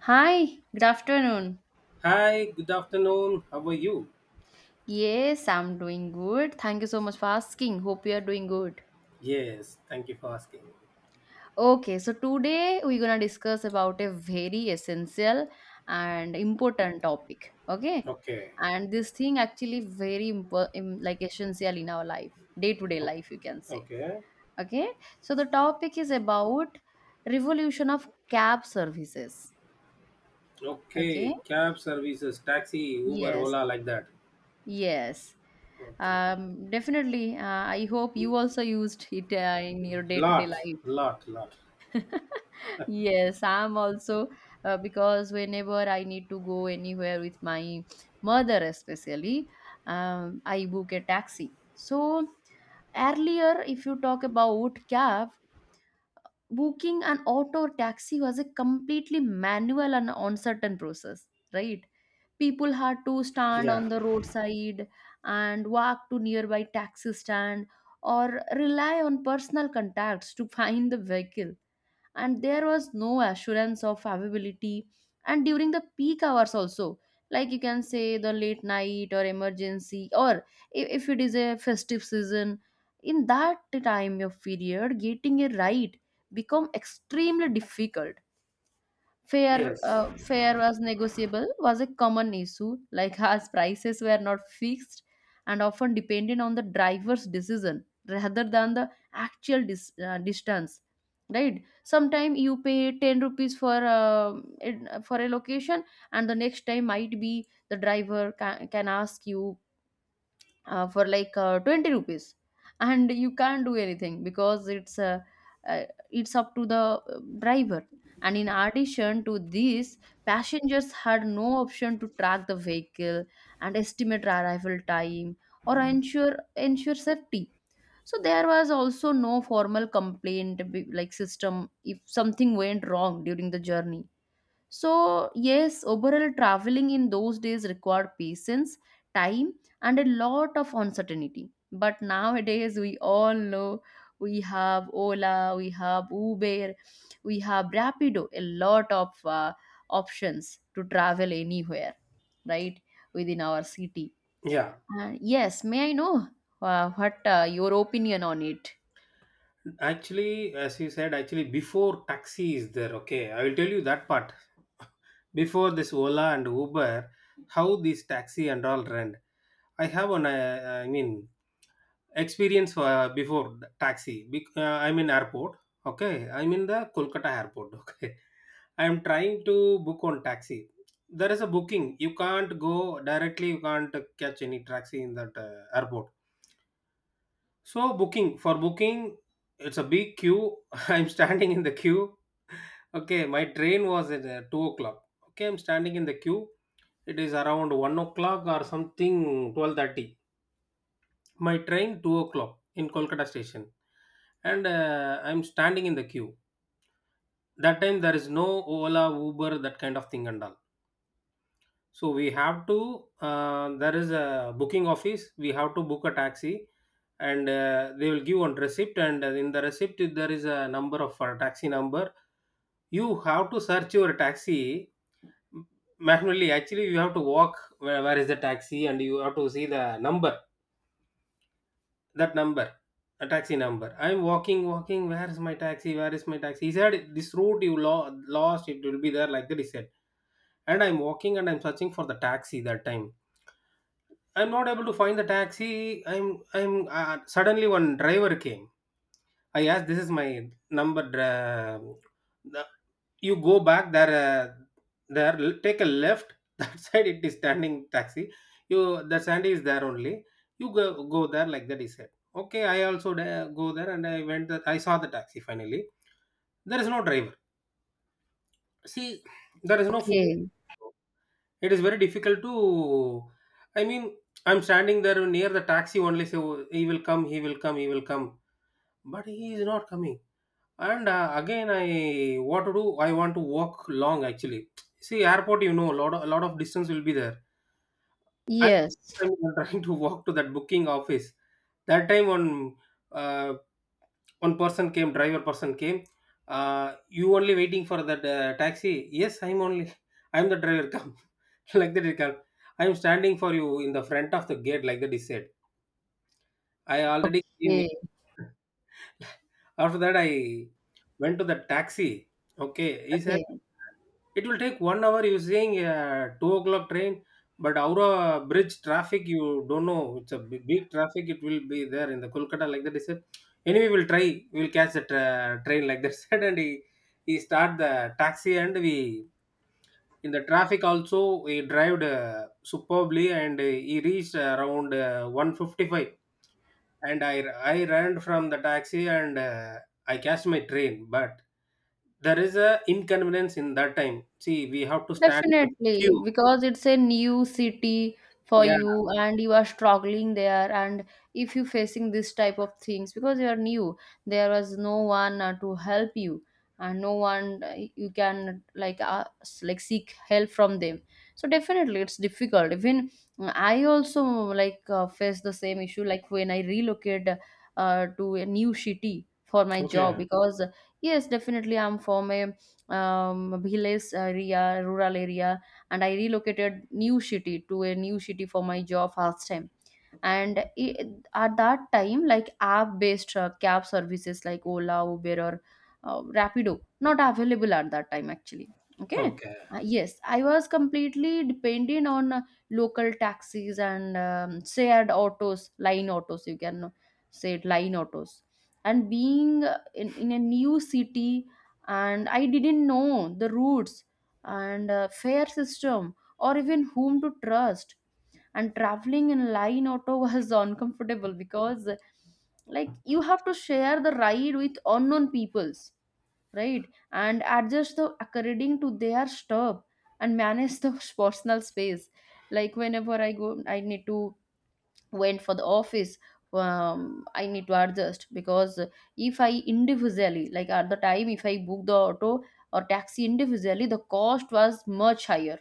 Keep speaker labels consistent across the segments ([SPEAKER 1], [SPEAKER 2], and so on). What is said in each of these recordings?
[SPEAKER 1] Hi, good afternoon.
[SPEAKER 2] Hi, good afternoon. How are you?
[SPEAKER 1] Yes, I'm doing good. Thank you so much for asking. Hope you are doing good.
[SPEAKER 2] Yes, thank you for asking.
[SPEAKER 1] Okay, so today we're gonna discuss about a very essential and important topic. Okay,
[SPEAKER 2] Okay,
[SPEAKER 1] and this thing actually very like essential in our life, day to day
[SPEAKER 2] o-
[SPEAKER 1] life, you can say.
[SPEAKER 2] okay,
[SPEAKER 1] Okay, so the topic is about revolution of cab services. Okay,
[SPEAKER 2] okay. Cab services, taxi, Uber,
[SPEAKER 1] yes,
[SPEAKER 2] Ola, like that.
[SPEAKER 1] yes.
[SPEAKER 2] Okay,
[SPEAKER 1] Definitely. I hope you also used it in your day-to-day
[SPEAKER 2] lot,
[SPEAKER 1] life.
[SPEAKER 2] lot, lot.
[SPEAKER 1] Yes, I'm also because whenever I need to go anywhere with my mother, especially, I book a taxi. So earlier, if you talk about cab, booking an auto or taxi was a completely manual and uncertain process, right? People had to stand
[SPEAKER 2] Yeah,
[SPEAKER 1] on the roadside and walk to nearby taxi stand or rely on personal contacts to find the vehicle, and there was no assurance of availability. And during the peak hours also, like you can say the late night or emergency or if it is a festive season, in that time of period getting a ride become extremely difficult. Fare,
[SPEAKER 2] yes,
[SPEAKER 1] uh, fare was negotiable was a common issue, like as prices were not fixed and often depended on the driver's decision rather than the actual distance. Right? Sometimes you pay 10 rupees for for a location, and the next time might be the driver can ask you for like 20 rupees, and you can't do anything because uh, it's up to the driver. And in addition to this, passengers had no option to track the vehicle and estimate arrival time or ensure safety. So there was also no formal complaint like system if something went wrong during the journey. So, yes, overall traveling in those days required patience, time, and a lot of uncertainty. But nowadays, we all know we have Ola, we have Uber, we have Rapido, a lot of options to travel anywhere, right, within our city.
[SPEAKER 2] yeah.
[SPEAKER 1] Yes, may I know what your opinion on it?
[SPEAKER 2] Actually, as you said, actually, before taxi is there, okay, I will tell you that part. Before this Ola and Uber, how these taxi and all rent. I have an, I mean, experience before the taxi I'm in airport. Okay, I'm in the Kolkata airport. Okay, I'm trying to book on taxi. There is a booking, you can't go directly, you can't catch any taxi in that airport. So booking for booking, it's a big queue. I'm standing in the queue. Okay, my train was at 2 o'clock. Okay, I'm standing in the queue. It is around 1 o'clock or something, 12:30. My train 2 o'clock in Kolkata station. And I'm standing in the queue. That time there is no Ola, Uber, that kind of thing and all. So we have to, there is a booking office, we have to book a taxi. And they will give one receipt, and in the receipt there is a number of taxi number. You have to search your taxi manually, actually you have to walk, where is the taxi, and you have to see the number. That number, a taxi number, I'm walking walking, where is my taxi, where is my taxi. He said, this route you lost, it will be there, like that he said. And I'm walking and I'm searching for the taxi that time. I'm not able to find the taxi. I'm Suddenly one driver came. I asked, this is my number. You go back there, there take a left, that side it is standing taxi. You The sandy is there only, you go, go there, like that he said. Okay, I also go there, and I went there, I saw the taxi finally. There is no driver, see, there is no phone.
[SPEAKER 1] Okay.
[SPEAKER 2] It is very difficult to, I mean, I'm standing there near the taxi only, so he will come, he will come, he will come. But he is not coming. And again, I what to do? I want to walk long actually. See, airport, a lot of distance will be there. I,
[SPEAKER 1] Yes.
[SPEAKER 2] I'm trying to walk to that booking office. That time, uh, one person came, driver person came. You only waiting for that taxi? Yes, I'm only. I'm the driver. Come, like that. He come. I'm standing for you in the front of the gate. Like that, he said. I already came.
[SPEAKER 1] Okay.
[SPEAKER 2] After that, I went to the taxi. Okay, he said
[SPEAKER 1] Okay.
[SPEAKER 2] it will take 1 hour. Using a 2 o'clock train, but Aura bridge traffic, you don't know. It's a big, big traffic. It will be there in the Kolkata, like that, he said. Anyway, we'll try. We'll catch the train, like that. Said. And he start the taxi, and we, in the traffic also, he drove superbly, and he reached around 1:55. And I ran from the taxi, and I catch my train. But there is a inconvenience in that time. See, we have to stand the
[SPEAKER 1] Definitely,
[SPEAKER 2] queue.
[SPEAKER 1] because it's a new city for
[SPEAKER 2] Yeah.
[SPEAKER 1] you and you are struggling there. And if you're facing this type of things, because you are new, there was no one to help you, and no one you can like like seek help from them. So definitely it's difficult. Even I also like face the same issue like when I relocate to a new city for my job
[SPEAKER 2] Okay.
[SPEAKER 1] because yes, definitely I'm from a village area, rural area, and I relocated new city to a new city for my job first time. And I at that time, like app-based cab services like Ola, Uber, or Rapido, not available at that time actually. Okay.
[SPEAKER 2] Okay.
[SPEAKER 1] Yes, I was completely dependent on local taxis and shared autos, line autos, you can say it, line autos. And being in a new city, and I didn't know the routes and fare system or even whom to trust. And traveling in line auto was uncomfortable because like you have to share the ride with unknown peoples, right, and adjust the according to their stop and manage the personal space. Like whenever I go, I need to went for the office. I need to adjust because if I individually like at the time, if I book the auto or taxi individually, the cost was much higher,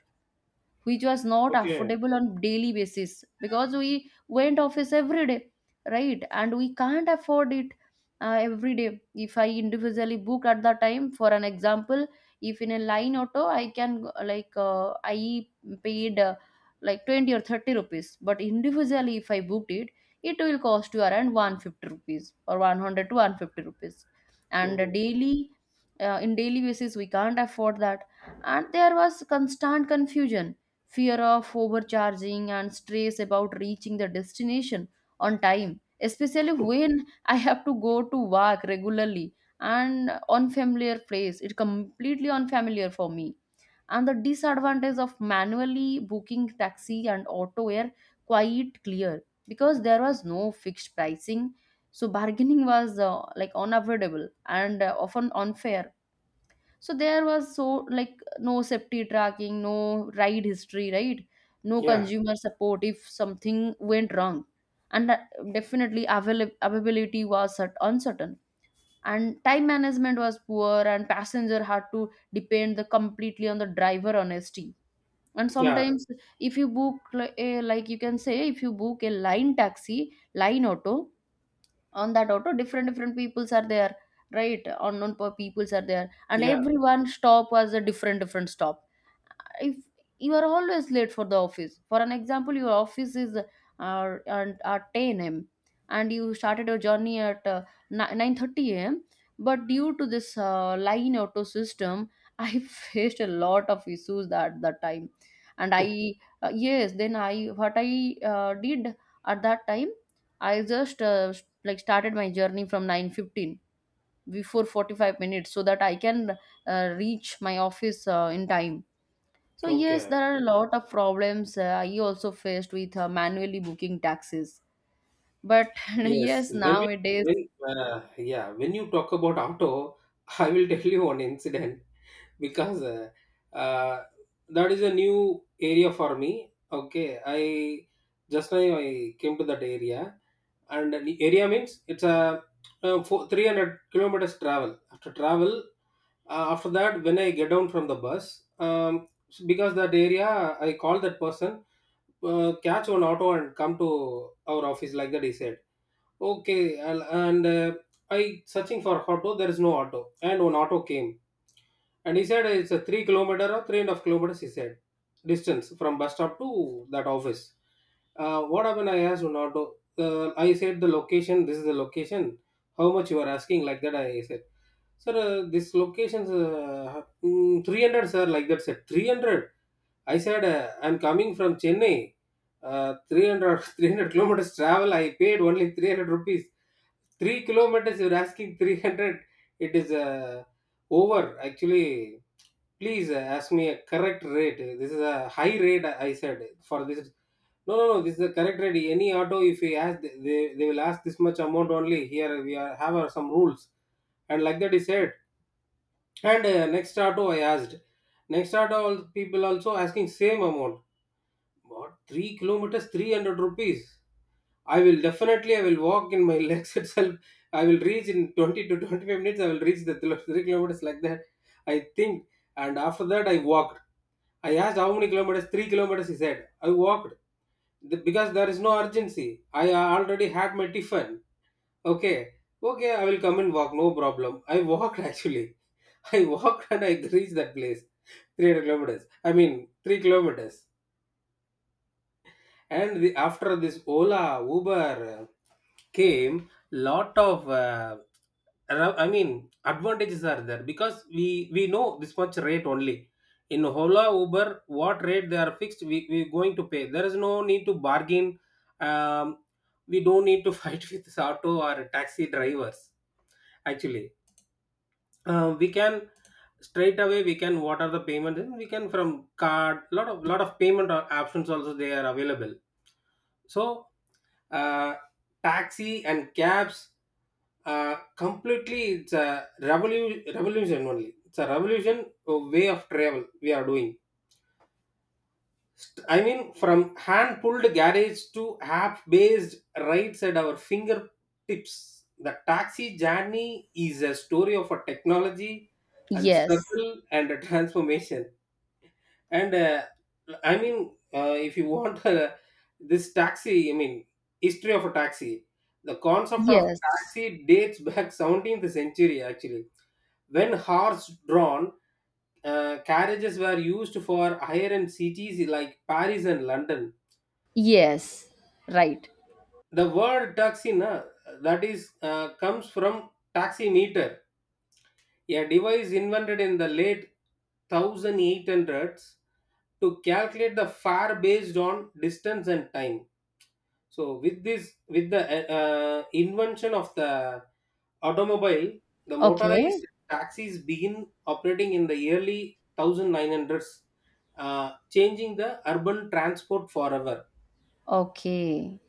[SPEAKER 1] which was not
[SPEAKER 2] Okay.
[SPEAKER 1] affordable on daily basis because we went office every day, right, and we can't afford it every day. If I individually book at the time, for an example, if in a line auto I paid like 20 or 30 rupees, but individually if I booked it, it will cost you around 150 rupees or 100 to 150 rupees. And
[SPEAKER 2] Oh.
[SPEAKER 1] daily in daily basis we can't afford that. And there was constant confusion, fear of overcharging and stress about reaching the destination on time, especially when I have to go to work regularly and unfamiliar place, it completely unfamiliar for me. And the disadvantage of manually booking taxi and auto were quite clear because there was no fixed pricing, so bargaining was like unavoidable and often unfair. So there was, so, like no safety tracking, no ride history, right, no
[SPEAKER 2] Yeah.
[SPEAKER 1] consumer support if something went wrong. and that- Definitely availability was uncertain, and time management was poor and passenger had to depend the completely on the driver honesty. And
[SPEAKER 2] Yeah.
[SPEAKER 1] sometimes if you book a, like you can say, if you book a line taxi line auto, on that auto different different peoples are there, right, unknown peoples are there, and
[SPEAKER 2] Yeah.
[SPEAKER 1] everyone stop was a different different stop. If you are always late for the office, for an example your office is at 10 a.m. and you started your journey at 9:30 a.m., but due to this line auto system I faced a lot of issues at that time. and i uh, yes, then I did at that time. I just like started my journey from 9:15, before 45 minutes so that I can reach my office in time. So yes,
[SPEAKER 2] Okay.
[SPEAKER 1] there are a lot of problems I also faced with manually booking taxis. But yes,
[SPEAKER 2] Yes. When we
[SPEAKER 1] nowadays,
[SPEAKER 2] when yeah when you talk about auto, I will tell you one incident. Because uh, that is a new area for me. Okay, I just now, I came to that area. And the area means it's a four, 300 kilometers travel. After travel, after that when I get down from the bus. um, because that area, I call that person, catch one auto and come to our office, like that he said. Okay, and uh, I searching for auto, there is no auto. And one auto came, and he said it's a 3 kilometer or 3.5 kilometers, he said, distance from bus stop to that office. What happened? I asked Ronaldo. I said the location, this is the location. How much you are asking? Like that, I said, sir, this location's 300, sir. Like that, said 300. I said, I'm coming from Chennai. 300 kilometers travel. I paid only 300 rupees. 3 kilometers, you're asking 300. It is over. Actually, please ask me a correct rate. This is a high rate, I said, for this. No, no, no. This is the correct rate. Any auto, if we ask, they will ask this much amount only. Here we are, have our some rules, and like that he said. And next auto, I asked. Next auto, all people also asking same amount. What? 3 kilometers, 300 rupees. I will definitely, I will walk in my legs itself. I will reach in 20 to 25 minutes. I will reach the 3 kilometers, like that, I think. And after that, I walked. I asked how many kilometers, 3 kilometers, he said. I walked. Because there is no urgency. I already had my tiffin. Okay. Okay, I will come and walk. No problem. I walked actually. I walked and I reached that place. 300 kilometers. I mean, 3 kilometers. After this Ola, Uber came, lot of I mean, advantages are there, because we know this much rate only. In Ola, Uber, what rate they are fixed, we going to pay, there is no need to bargain. um, we don't need to fight with auto or taxi drivers actually. We can straight away, we can, what are the payment, and we can from card, lot of payment or options also they are available. So, uh, taxi and cabs, completely it's a revolution only. It's a revolution of way of travel we are doing. I mean, from hand pulled garage to app based rides at our fingertips. The taxi journey is a story of a technology and
[SPEAKER 1] yes,
[SPEAKER 2] struggle and a transformation. And I mean, if you want, this taxi, I mean, history of a taxi, the concept of
[SPEAKER 1] yes,
[SPEAKER 2] taxi dates back 17th century actually, when horse drawn carriages were used for higher end cities like Paris and London.
[SPEAKER 1] yes, right.
[SPEAKER 2] The word taxi, na, that is, comes from taximeter, a device invented in the late 1800s to calculate the far based on distance and time. So with the invention of the automobile, the
[SPEAKER 1] Okay,
[SPEAKER 2] motorized taxis begin operating in the early 1900s, changing the urban transport forever.
[SPEAKER 1] okay,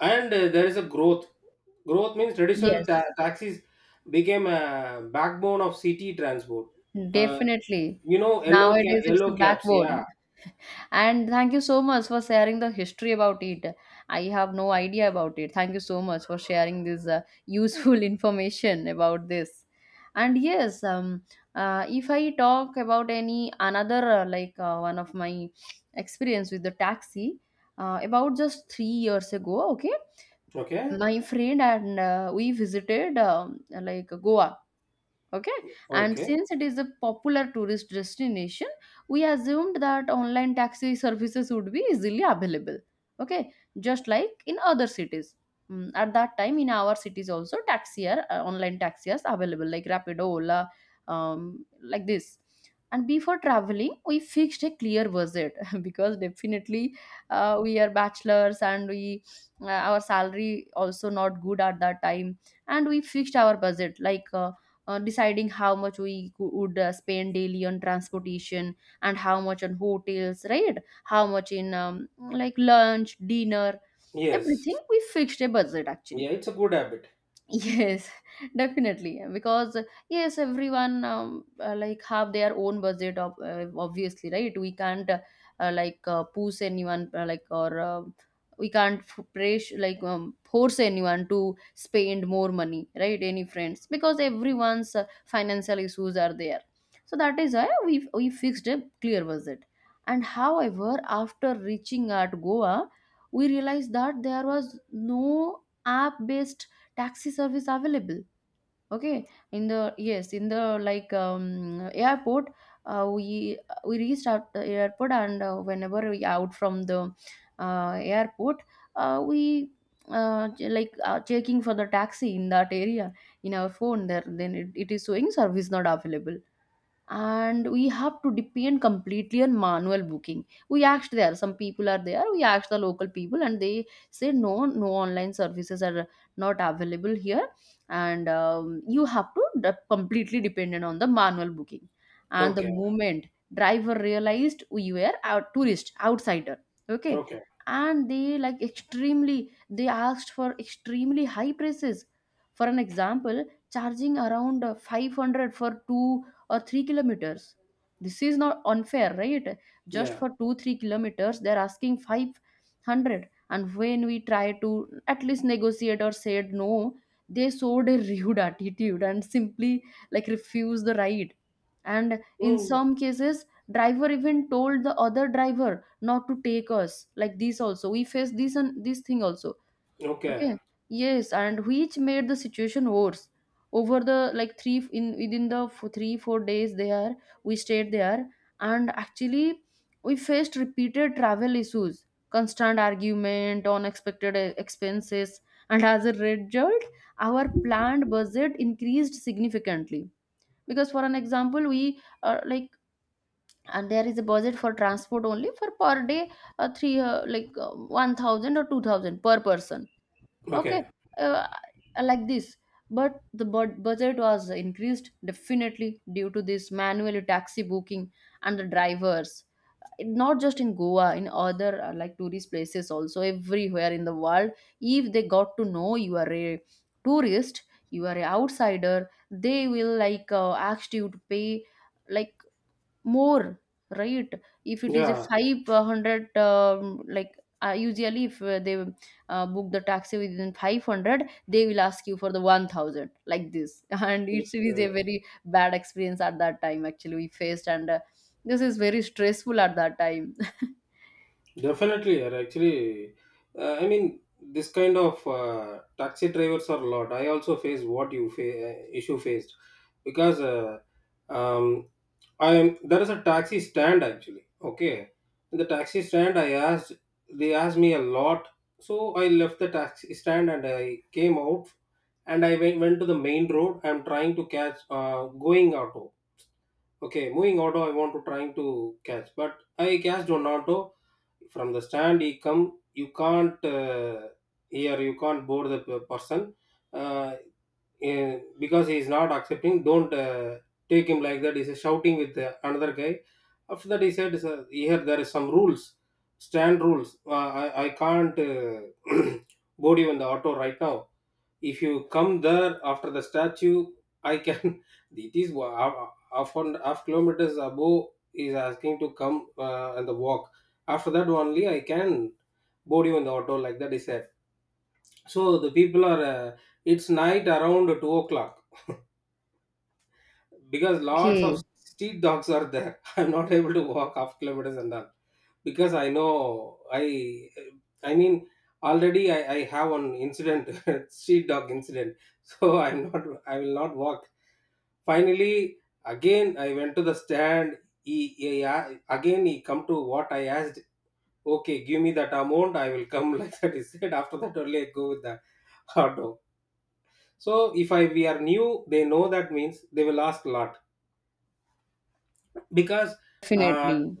[SPEAKER 2] And there is a growth. Growth means traditional
[SPEAKER 1] yes,
[SPEAKER 2] taxis became a backbone of city transport. Uh,
[SPEAKER 1] definitely.
[SPEAKER 2] Yellow,
[SPEAKER 1] Nowadays, it's the
[SPEAKER 2] yellow caps, yeah.
[SPEAKER 1] backbone. And thank you so much for sharing the history about it. I have no idea about it. Thank you so much for sharing this useful information about this. And yes, if I talk about any another like one of my experience with the taxi about just 3 years ago, okay,
[SPEAKER 2] Okay.
[SPEAKER 1] my friend and we visited like Goa, okay, and
[SPEAKER 2] Okay.
[SPEAKER 1] since it is a popular tourist destination, we assumed that online taxi services would be easily available, okay, just like in other cities. At that time in our cities also taxi are online taxi are available, like Rapido, Ola, um, like this. And before traveling we fixed a clear budget because definitely we are bachelors and we our salary also not good at that time. And we fixed our budget like deciding how much we would spend daily on transportation and how much on hotels, right, how much in like lunch dinner.
[SPEAKER 2] Yes.
[SPEAKER 1] Everything we fixed a budget actually.
[SPEAKER 2] Yeah, it's a good habit.
[SPEAKER 1] Yes, definitely. Because yes, everyone like have their own budget. Of, obviously, right? We can't like push anyone like or we can't press like force anyone to spend more money, right? Any friends because everyone's financial issues are there. So that is why we fixed a clear budget. And however, after reaching at Goa, we realized that there was no app based taxi service available, okay, in the, yes, in the like airport. Uh, we we reached out the airport, and whenever we out from the airport, we like checking for the taxi in that area in our phone there, then it is showing service not available. And we have to depend completely on manual booking. We asked there, some people are there, we asked the local people and they say no, no online services are not available here. And you have to completely dependent on the manual booking. And the
[SPEAKER 2] Okay,
[SPEAKER 1] moment driver realized we were a tourist outsider, okay,
[SPEAKER 2] okay.
[SPEAKER 1] and they like extremely they asked for extremely high prices, for an example charging around 500 for 2 or 3 kilometers. This is not unfair, right? Just
[SPEAKER 2] Yeah.
[SPEAKER 1] for 2 3 kilometers, they're asking 500. And when we try to at least negotiate or said no, they showed a rude attitude and simply like refused the ride. And in
[SPEAKER 2] Mm.
[SPEAKER 1] some cases, driver even told the other driver not to take us, like this also we face, this and this thing also.
[SPEAKER 2] Okay,
[SPEAKER 1] Okay, yes, and which made the situation worse over the like three in within the f- 3-4 days there we stayed there. And actually, we faced repeated travel issues, constant argument, unexpected expenses. And as a result, our planned budget increased significantly, because for an example we like and there is a budget for transport only for per day, three like 1000 or 2000 per person. Okay.
[SPEAKER 2] okay.
[SPEAKER 1] uh, like this. But the budget was increased definitely due to this manual taxi booking and the drivers, not just in Goa, in other like tourist places also, everywhere in the world. If they got to know you are a tourist, you are an outsider, they will ask you to pay like more, right? If it is a
[SPEAKER 2] Yeah.
[SPEAKER 1] 500, usually if they book the taxi within 500, they will ask you for the 1000, like this. And it is a
[SPEAKER 2] Okay.
[SPEAKER 1] very bad experience at that time, actually, we faced. And this is very stressful at that time.
[SPEAKER 2] Definitely, or actually, I mean, this kind of taxi drivers are a lot. I also face what you issue faced, because um, I am there is a taxi stand actually. Okay, in the taxi stand, I asked, they asked me a lot, so I left the taxi stand and I came out, and I went to the main road. I'm trying to catch going out. Okay, moving auto, I want to trying to catch, but I catched one auto from the stand. He come, you can't, here, you can't board the person, uh, because he is not accepting. Don't take him, like that. He's shouting with another guy. After that, he said, "Sir, here there is some rules, stand rules. I can't board you in the auto right now." If you come there after the statue, I can it is half, half and half kilometers above, is asking to come, and the walk, after that only I can board you in the auto, like that is said. So the people are, it's night around 2 o'clock, because lots of
[SPEAKER 1] Okay,
[SPEAKER 2] street dogs are there. I'm not able to walk half kilometers and all, because I know, I mean, already I have one incident. Street dog incident. So I will not walk. Finally, again I went to the stand. Again he come to what I asked. "Okay, give me that amount, I will come." Like that he said. After that only I go with the hot dog. So if I we are new, they know, that means they will ask a lot. Because uh,
[SPEAKER 1] definitely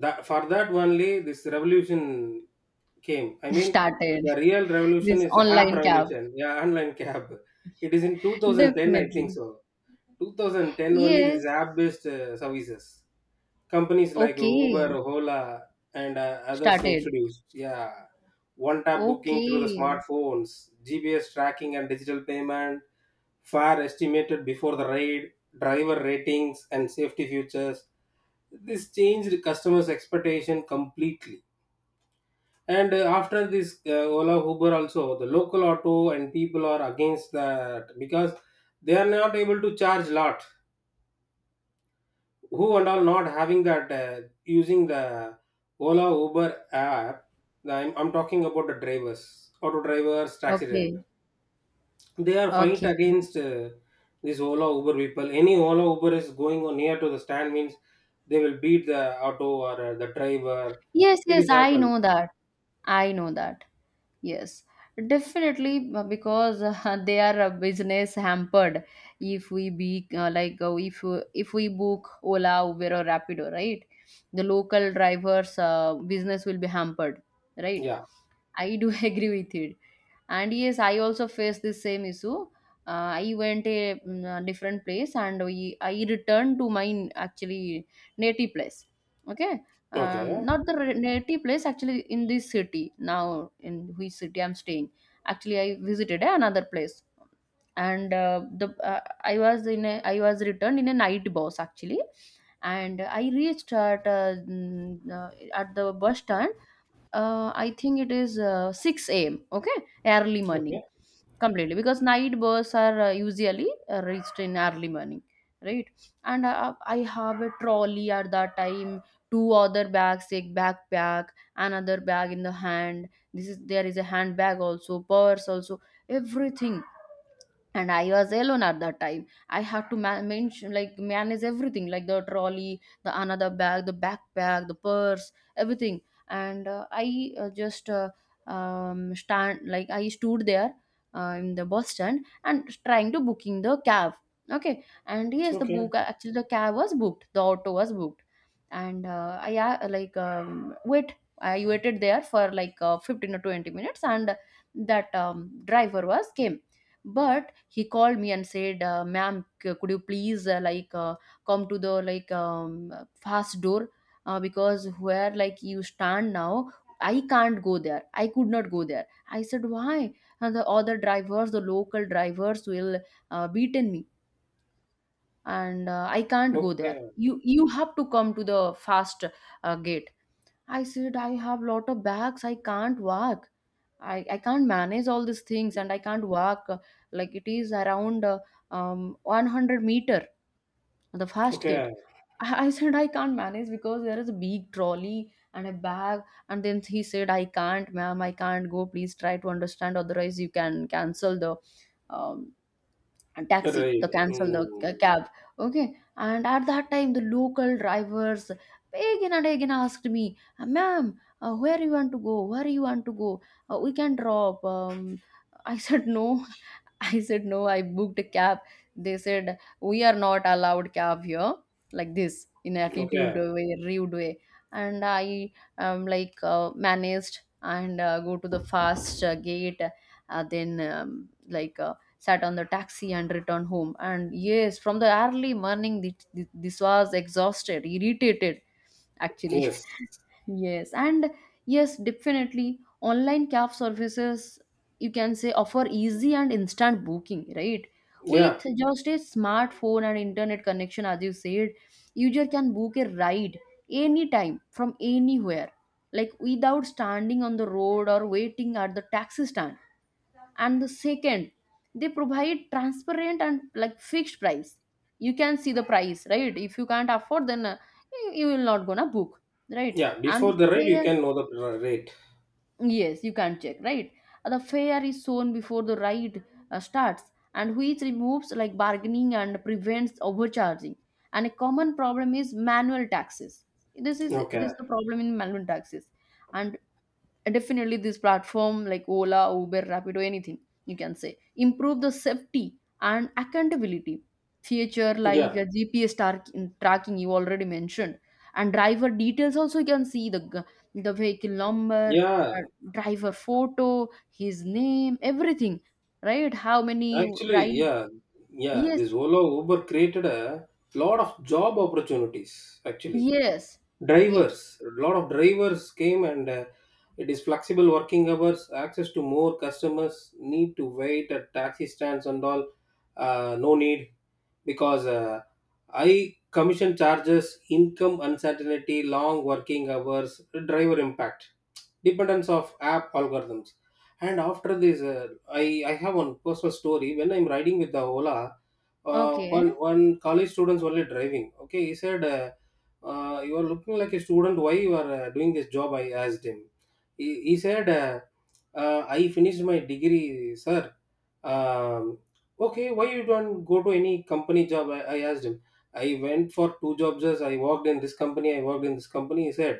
[SPEAKER 2] that for that only this revolution came, I mean.
[SPEAKER 1] started
[SPEAKER 2] The real
[SPEAKER 1] this
[SPEAKER 2] revolution is a hap
[SPEAKER 1] online cab.
[SPEAKER 2] revolution, yeah, online cab. It is in 2010, I think
[SPEAKER 1] Definitely.
[SPEAKER 2] so. 2010 only this
[SPEAKER 1] Yes.
[SPEAKER 2] app based services companies like Uber,
[SPEAKER 1] Okay,
[SPEAKER 2] Hola, and others
[SPEAKER 1] started.
[SPEAKER 2] introduced, yeah. One tap booking through the
[SPEAKER 1] Okay.
[SPEAKER 2] smartphones, GPS tracking and digital payment, fare estimated before the ride, driver ratings and safety features. This changed customers' expectation completely. And after this, Ola Uber also, the local auto and people are against that, because they are not able to charge lot, who and all not having that, using the Ola Uber app. I'm talking about the drivers, auto drivers, taxi
[SPEAKER 1] Okay.
[SPEAKER 2] drivers. They are fight
[SPEAKER 1] Okay.
[SPEAKER 2] against these Ola Uber people. Any Ola Uber is going on near to the stand means they will beat the auto or the driver.
[SPEAKER 1] Yes,
[SPEAKER 2] It
[SPEAKER 1] yes,
[SPEAKER 2] is
[SPEAKER 1] I
[SPEAKER 2] happened.
[SPEAKER 1] know that. I know that. Yes, definitely because they are business hampered if we book Ola, Uber or Rapido, right? The local drivers' business will be hampered, right?
[SPEAKER 2] Yeah.
[SPEAKER 1] I do agree with it. And yes, I also faced this same issue. I went a different place and I returned to my actually native place. Okay.
[SPEAKER 2] Okay.
[SPEAKER 1] Not the native place, actually. In this city now, in which city I'm staying, actually I visited another place. And the I was returned in a night bus, actually. And I reached at at the bus stand. I think it is 6 a.m. Okay, early morning
[SPEAKER 2] Okay.
[SPEAKER 1] completely, because night bus are usually reached in early morning, right? And I have a trolley at that time, two other bags, a backpack, another bag in the hand. This is There is a handbag also, purse also, everything. And I was alone at that time. I had to ma- mention like manage everything, like the trolley, the another bag, the backpack, the purse, everything. And I just stand like I stood there in the bus stand and trying to booking the cab. Okay. And yes,
[SPEAKER 2] Okay.
[SPEAKER 1] the cab was booked, the auto was booked. And I waited there for 15 or 20 minutes. And that driver was came, but he called me and said, ma'am, could you please come to the fast door, because where like you stand now, I can't go there, I could not go there. I said why. And the other drivers, the local drivers will beaten me. And I can't go there.
[SPEAKER 2] Okay.
[SPEAKER 1] You have to come to the fast gate. I said I have lot of bags. I can't work. I can't manage all these things, and I can't walk. Like it is around 100 meter, the fast gate.
[SPEAKER 2] Okay.
[SPEAKER 1] I said I can't manage, because there is a big trolley and a bag. And then he said, I can't, ma'am, I can't go. Please try to understand. Otherwise, you can cancel the um, taxi
[SPEAKER 2] Right.
[SPEAKER 1] the cancel the
[SPEAKER 2] Mm.
[SPEAKER 1] ca- cab. Okay. And at that time, the local drivers again and again asked me, Ma'am, where you want to go, where you want to go, we can drop." I said no. I said no, I booked a cab. They said we are not allowed cab here, like this, in attitude
[SPEAKER 2] Okay.
[SPEAKER 1] way, rude way. And I managed and go to the fast gate. Then like Sat on the taxi and returned home. And yes, from the early morning, this was exhausted, irritated, actually.
[SPEAKER 2] Yes.
[SPEAKER 1] Yes, and yes, definitely online cab services, you can say, offer easy and instant booking, right? With
[SPEAKER 2] Yeah.
[SPEAKER 1] just a smartphone and internet connection, as you said, user can book a ride anytime from anywhere, like without standing on the road or waiting at the taxi stand. And the second, they provide transparent and like fixed price. You can see the price, right? If you can't afford, then you will not gonna book, right?
[SPEAKER 2] Yeah.
[SPEAKER 1] And
[SPEAKER 2] Before
[SPEAKER 1] the
[SPEAKER 2] the rate, you
[SPEAKER 1] fair,
[SPEAKER 2] can know the rate.
[SPEAKER 1] yes, you can check, right? The fair is shown before the ride starts, and which removes like bargaining and prevents overcharging. And a common problem is manual taxes. This
[SPEAKER 2] Okay.
[SPEAKER 1] is the problem in manual taxes. And and definitely this platform like Ola, Uber, Rapido, anything you can say, improve the safety and accountability feature like
[SPEAKER 2] Yeah,
[SPEAKER 1] a GPS tracking you already mentioned. And driver details also, you can see the the vehicle number,
[SPEAKER 2] yeah,
[SPEAKER 1] uh, driver photo, his name, everything, right? How many
[SPEAKER 2] actually,
[SPEAKER 1] ride.
[SPEAKER 2] yeah, yeah.
[SPEAKER 1] Yes,
[SPEAKER 2] This Ola Uber created a lot of job opportunities. Actually,
[SPEAKER 1] yes, yes.
[SPEAKER 2] drivers, a lot of drivers came, and it is flexible working hours, access to more customers, need to wait at taxi stands and all. No need, because high commission charges, income uncertainty, long working hours, driver impact, dependence of app algorithms. And after this, i I have one personal story when I'm riding with the Ola.
[SPEAKER 1] Okay.
[SPEAKER 2] One college students only driving. Okay, he said, You are looking like a student, why you are doing this job?" I asked him. He said, I finished my degree, sir." um, okay, why you don't go to any company job, I asked him. "I went for two jobs. As I worked in this company, I worked in this company," he said.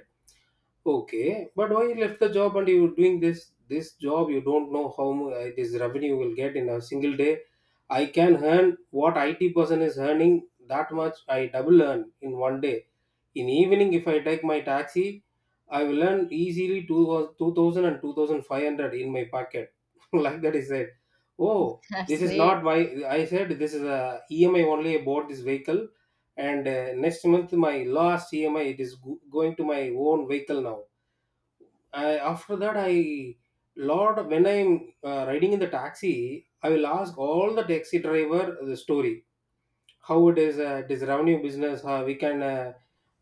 [SPEAKER 2] "Okay, but why you left the job and you doing this job? You don't know how this revenue will get in a single day. I can earn what IT person is earning, that much. I double earn in one day. In evening, if I take my taxi, I will earn easily two thousand and two thousand five hundred in my pocket." Like that, he said. "Oh,
[SPEAKER 1] That's
[SPEAKER 2] this is
[SPEAKER 1] great.
[SPEAKER 2] not my." I said, "This is a EMI only. I bought this vehicle, and next month my last EMI, it is going to my own vehicle now." After that, I, lot when I'm riding in the taxi, I will ask all the taxi driver the story, how it is, it is revenue business, how we can,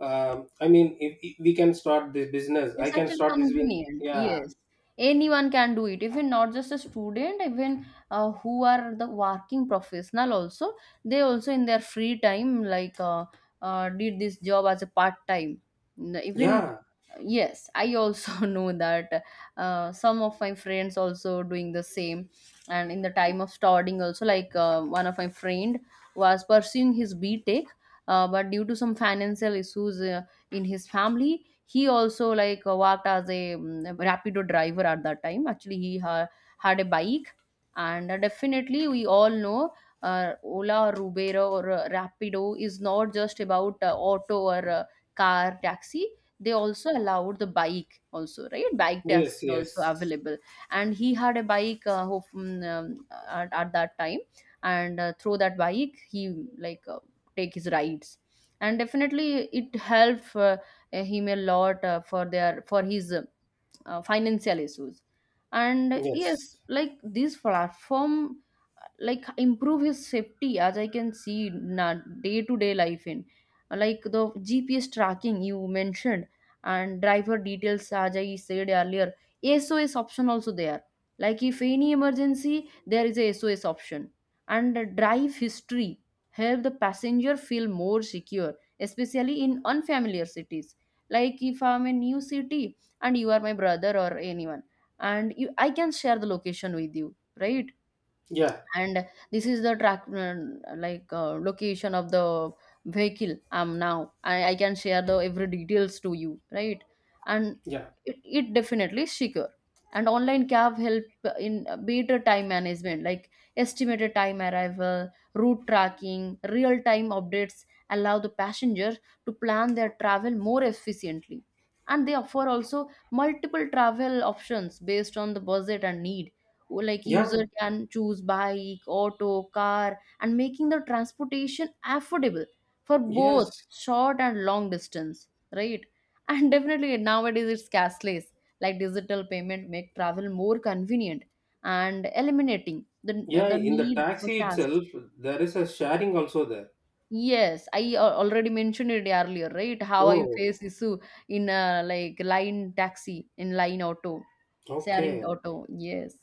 [SPEAKER 2] I mean, if we can start this business, I
[SPEAKER 1] It's
[SPEAKER 2] can
[SPEAKER 1] actually
[SPEAKER 2] start this
[SPEAKER 1] convenient.
[SPEAKER 2] yeah.
[SPEAKER 1] Yes. Anyone can do it. Even not just a student, even who are the working professional also, they also in their free time did this job as a part time. Even
[SPEAKER 2] Yeah.
[SPEAKER 1] yes, I also know that. Some of my friends also doing the same. And in the time of studying also, like one of my friend was pursuing his btech. But due to some financial issues in his family, he also worked as a rapido driver at that time. Actually, he had a bike. And definitely, we all know Ola or Uber or Rapido is not just about auto or car taxi. They also allowed the bike also, right? Bike taxi
[SPEAKER 2] Yes.
[SPEAKER 1] also
[SPEAKER 2] Yes.
[SPEAKER 1] available. And he had a bike at that time. And through that bike, he take his rides. And definitely, it helped him a lot, for his financial issues. And
[SPEAKER 2] Yes.
[SPEAKER 1] yes, like this platform like improve his safety, as I can see in day to day life, in like the GPS tracking you mentioned and driver details, as I said earlier. SOS option also there, like if any emergency, there is a SOS option. And the drive history help the passenger feel more secure, especially in unfamiliar cities. Like if I'm in new city and you are my brother or anyone, and you I can share the location with you, right?
[SPEAKER 2] Yeah.
[SPEAKER 1] And this is the track location of the vehicle now. I can share the every details to you, right? And
[SPEAKER 2] Yeah.
[SPEAKER 1] it definitely is secure. And online cab help in better time management, like estimated time arrival, route tracking, real time updates allow the passenger to plan their travel more efficiently. And they offer also multiple travel options based on the budget and need. Like user
[SPEAKER 2] Yeah.
[SPEAKER 1] can choose bike, auto, car, and making the transportation affordable for both
[SPEAKER 2] Yes.
[SPEAKER 1] short and long distance, right? And definitely, nowadays it's cashless, like digital payment make travel more convenient, and eliminating the
[SPEAKER 2] Yeah,
[SPEAKER 1] the
[SPEAKER 2] in the
[SPEAKER 1] need for
[SPEAKER 2] taxi
[SPEAKER 1] cash.
[SPEAKER 2] itself there is a sharing also there.
[SPEAKER 1] Yes, I already mentioned it earlier, right? How I face
[SPEAKER 2] Oh.
[SPEAKER 1] issue in like line taxi, in line auto, sharing
[SPEAKER 2] Okay.
[SPEAKER 1] auto. Yes.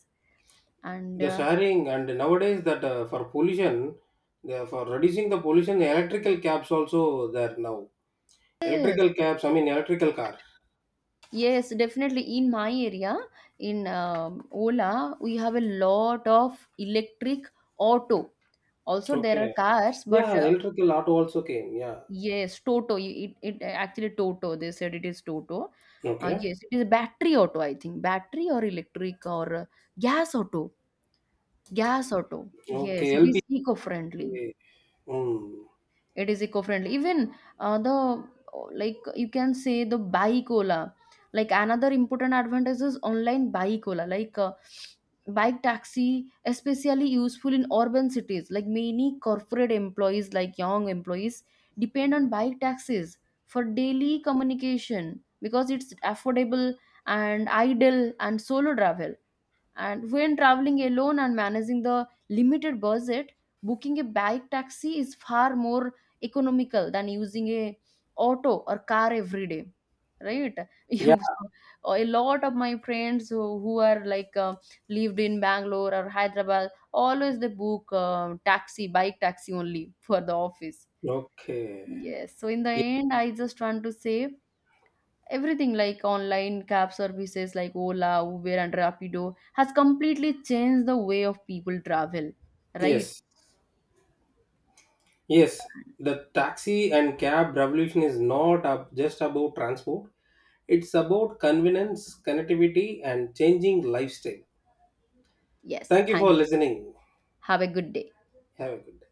[SPEAKER 1] And
[SPEAKER 2] The sharing. And nowadays that, for pollution, for reducing the pollution, the electrical cabs also there now.
[SPEAKER 1] yes.
[SPEAKER 2] Electrical cabs, I mean electrical car.
[SPEAKER 1] Yes, definitely. In my area, in Ola, we have a lot of electric auto. Also, there are
[SPEAKER 2] Okay.
[SPEAKER 1] cars, but
[SPEAKER 2] Yeah, electrical auto also came. Yeah.
[SPEAKER 1] yes, Toto. It actually Toto. They said it is Toto.
[SPEAKER 2] Okay.
[SPEAKER 1] Yes, it is a battery auto. I think battery or electric or gas auto. Gas auto. Yes,
[SPEAKER 2] Okay.
[SPEAKER 1] it
[SPEAKER 2] LP.
[SPEAKER 1] is eco-friendly.
[SPEAKER 2] Mm.
[SPEAKER 1] It is eco-friendly even the, like you can say, the buy cola. Like another important advantage is online buy cola, like bike taxi especially useful in urban cities. Like many corporate employees, like young employees depend on bike taxis for daily communication, because it's affordable and idle and solo travel. And when traveling alone and managing the limited budget, booking a bike taxi is far more economical than using a auto or car every day, right?
[SPEAKER 2] Yeah.
[SPEAKER 1] So, a lot of my friends who are lived in Bangalore or Hyderabad, always they book taxi, bike taxi only for the office.
[SPEAKER 2] Okay.
[SPEAKER 1] Yes, so in the
[SPEAKER 2] Ye-
[SPEAKER 1] end, I just want to say everything like online cab services like Ola, Uber, and Rapido has completely changed the way of people travel, right?
[SPEAKER 2] Yes. Yes. The taxi and cab revolution is not just about transport. It's about convenience, connectivity, and changing lifestyle.
[SPEAKER 1] Yes,
[SPEAKER 2] Thank you
[SPEAKER 1] thank
[SPEAKER 2] for
[SPEAKER 1] you.
[SPEAKER 2] listening.
[SPEAKER 1] Have a good day.
[SPEAKER 2] Have a good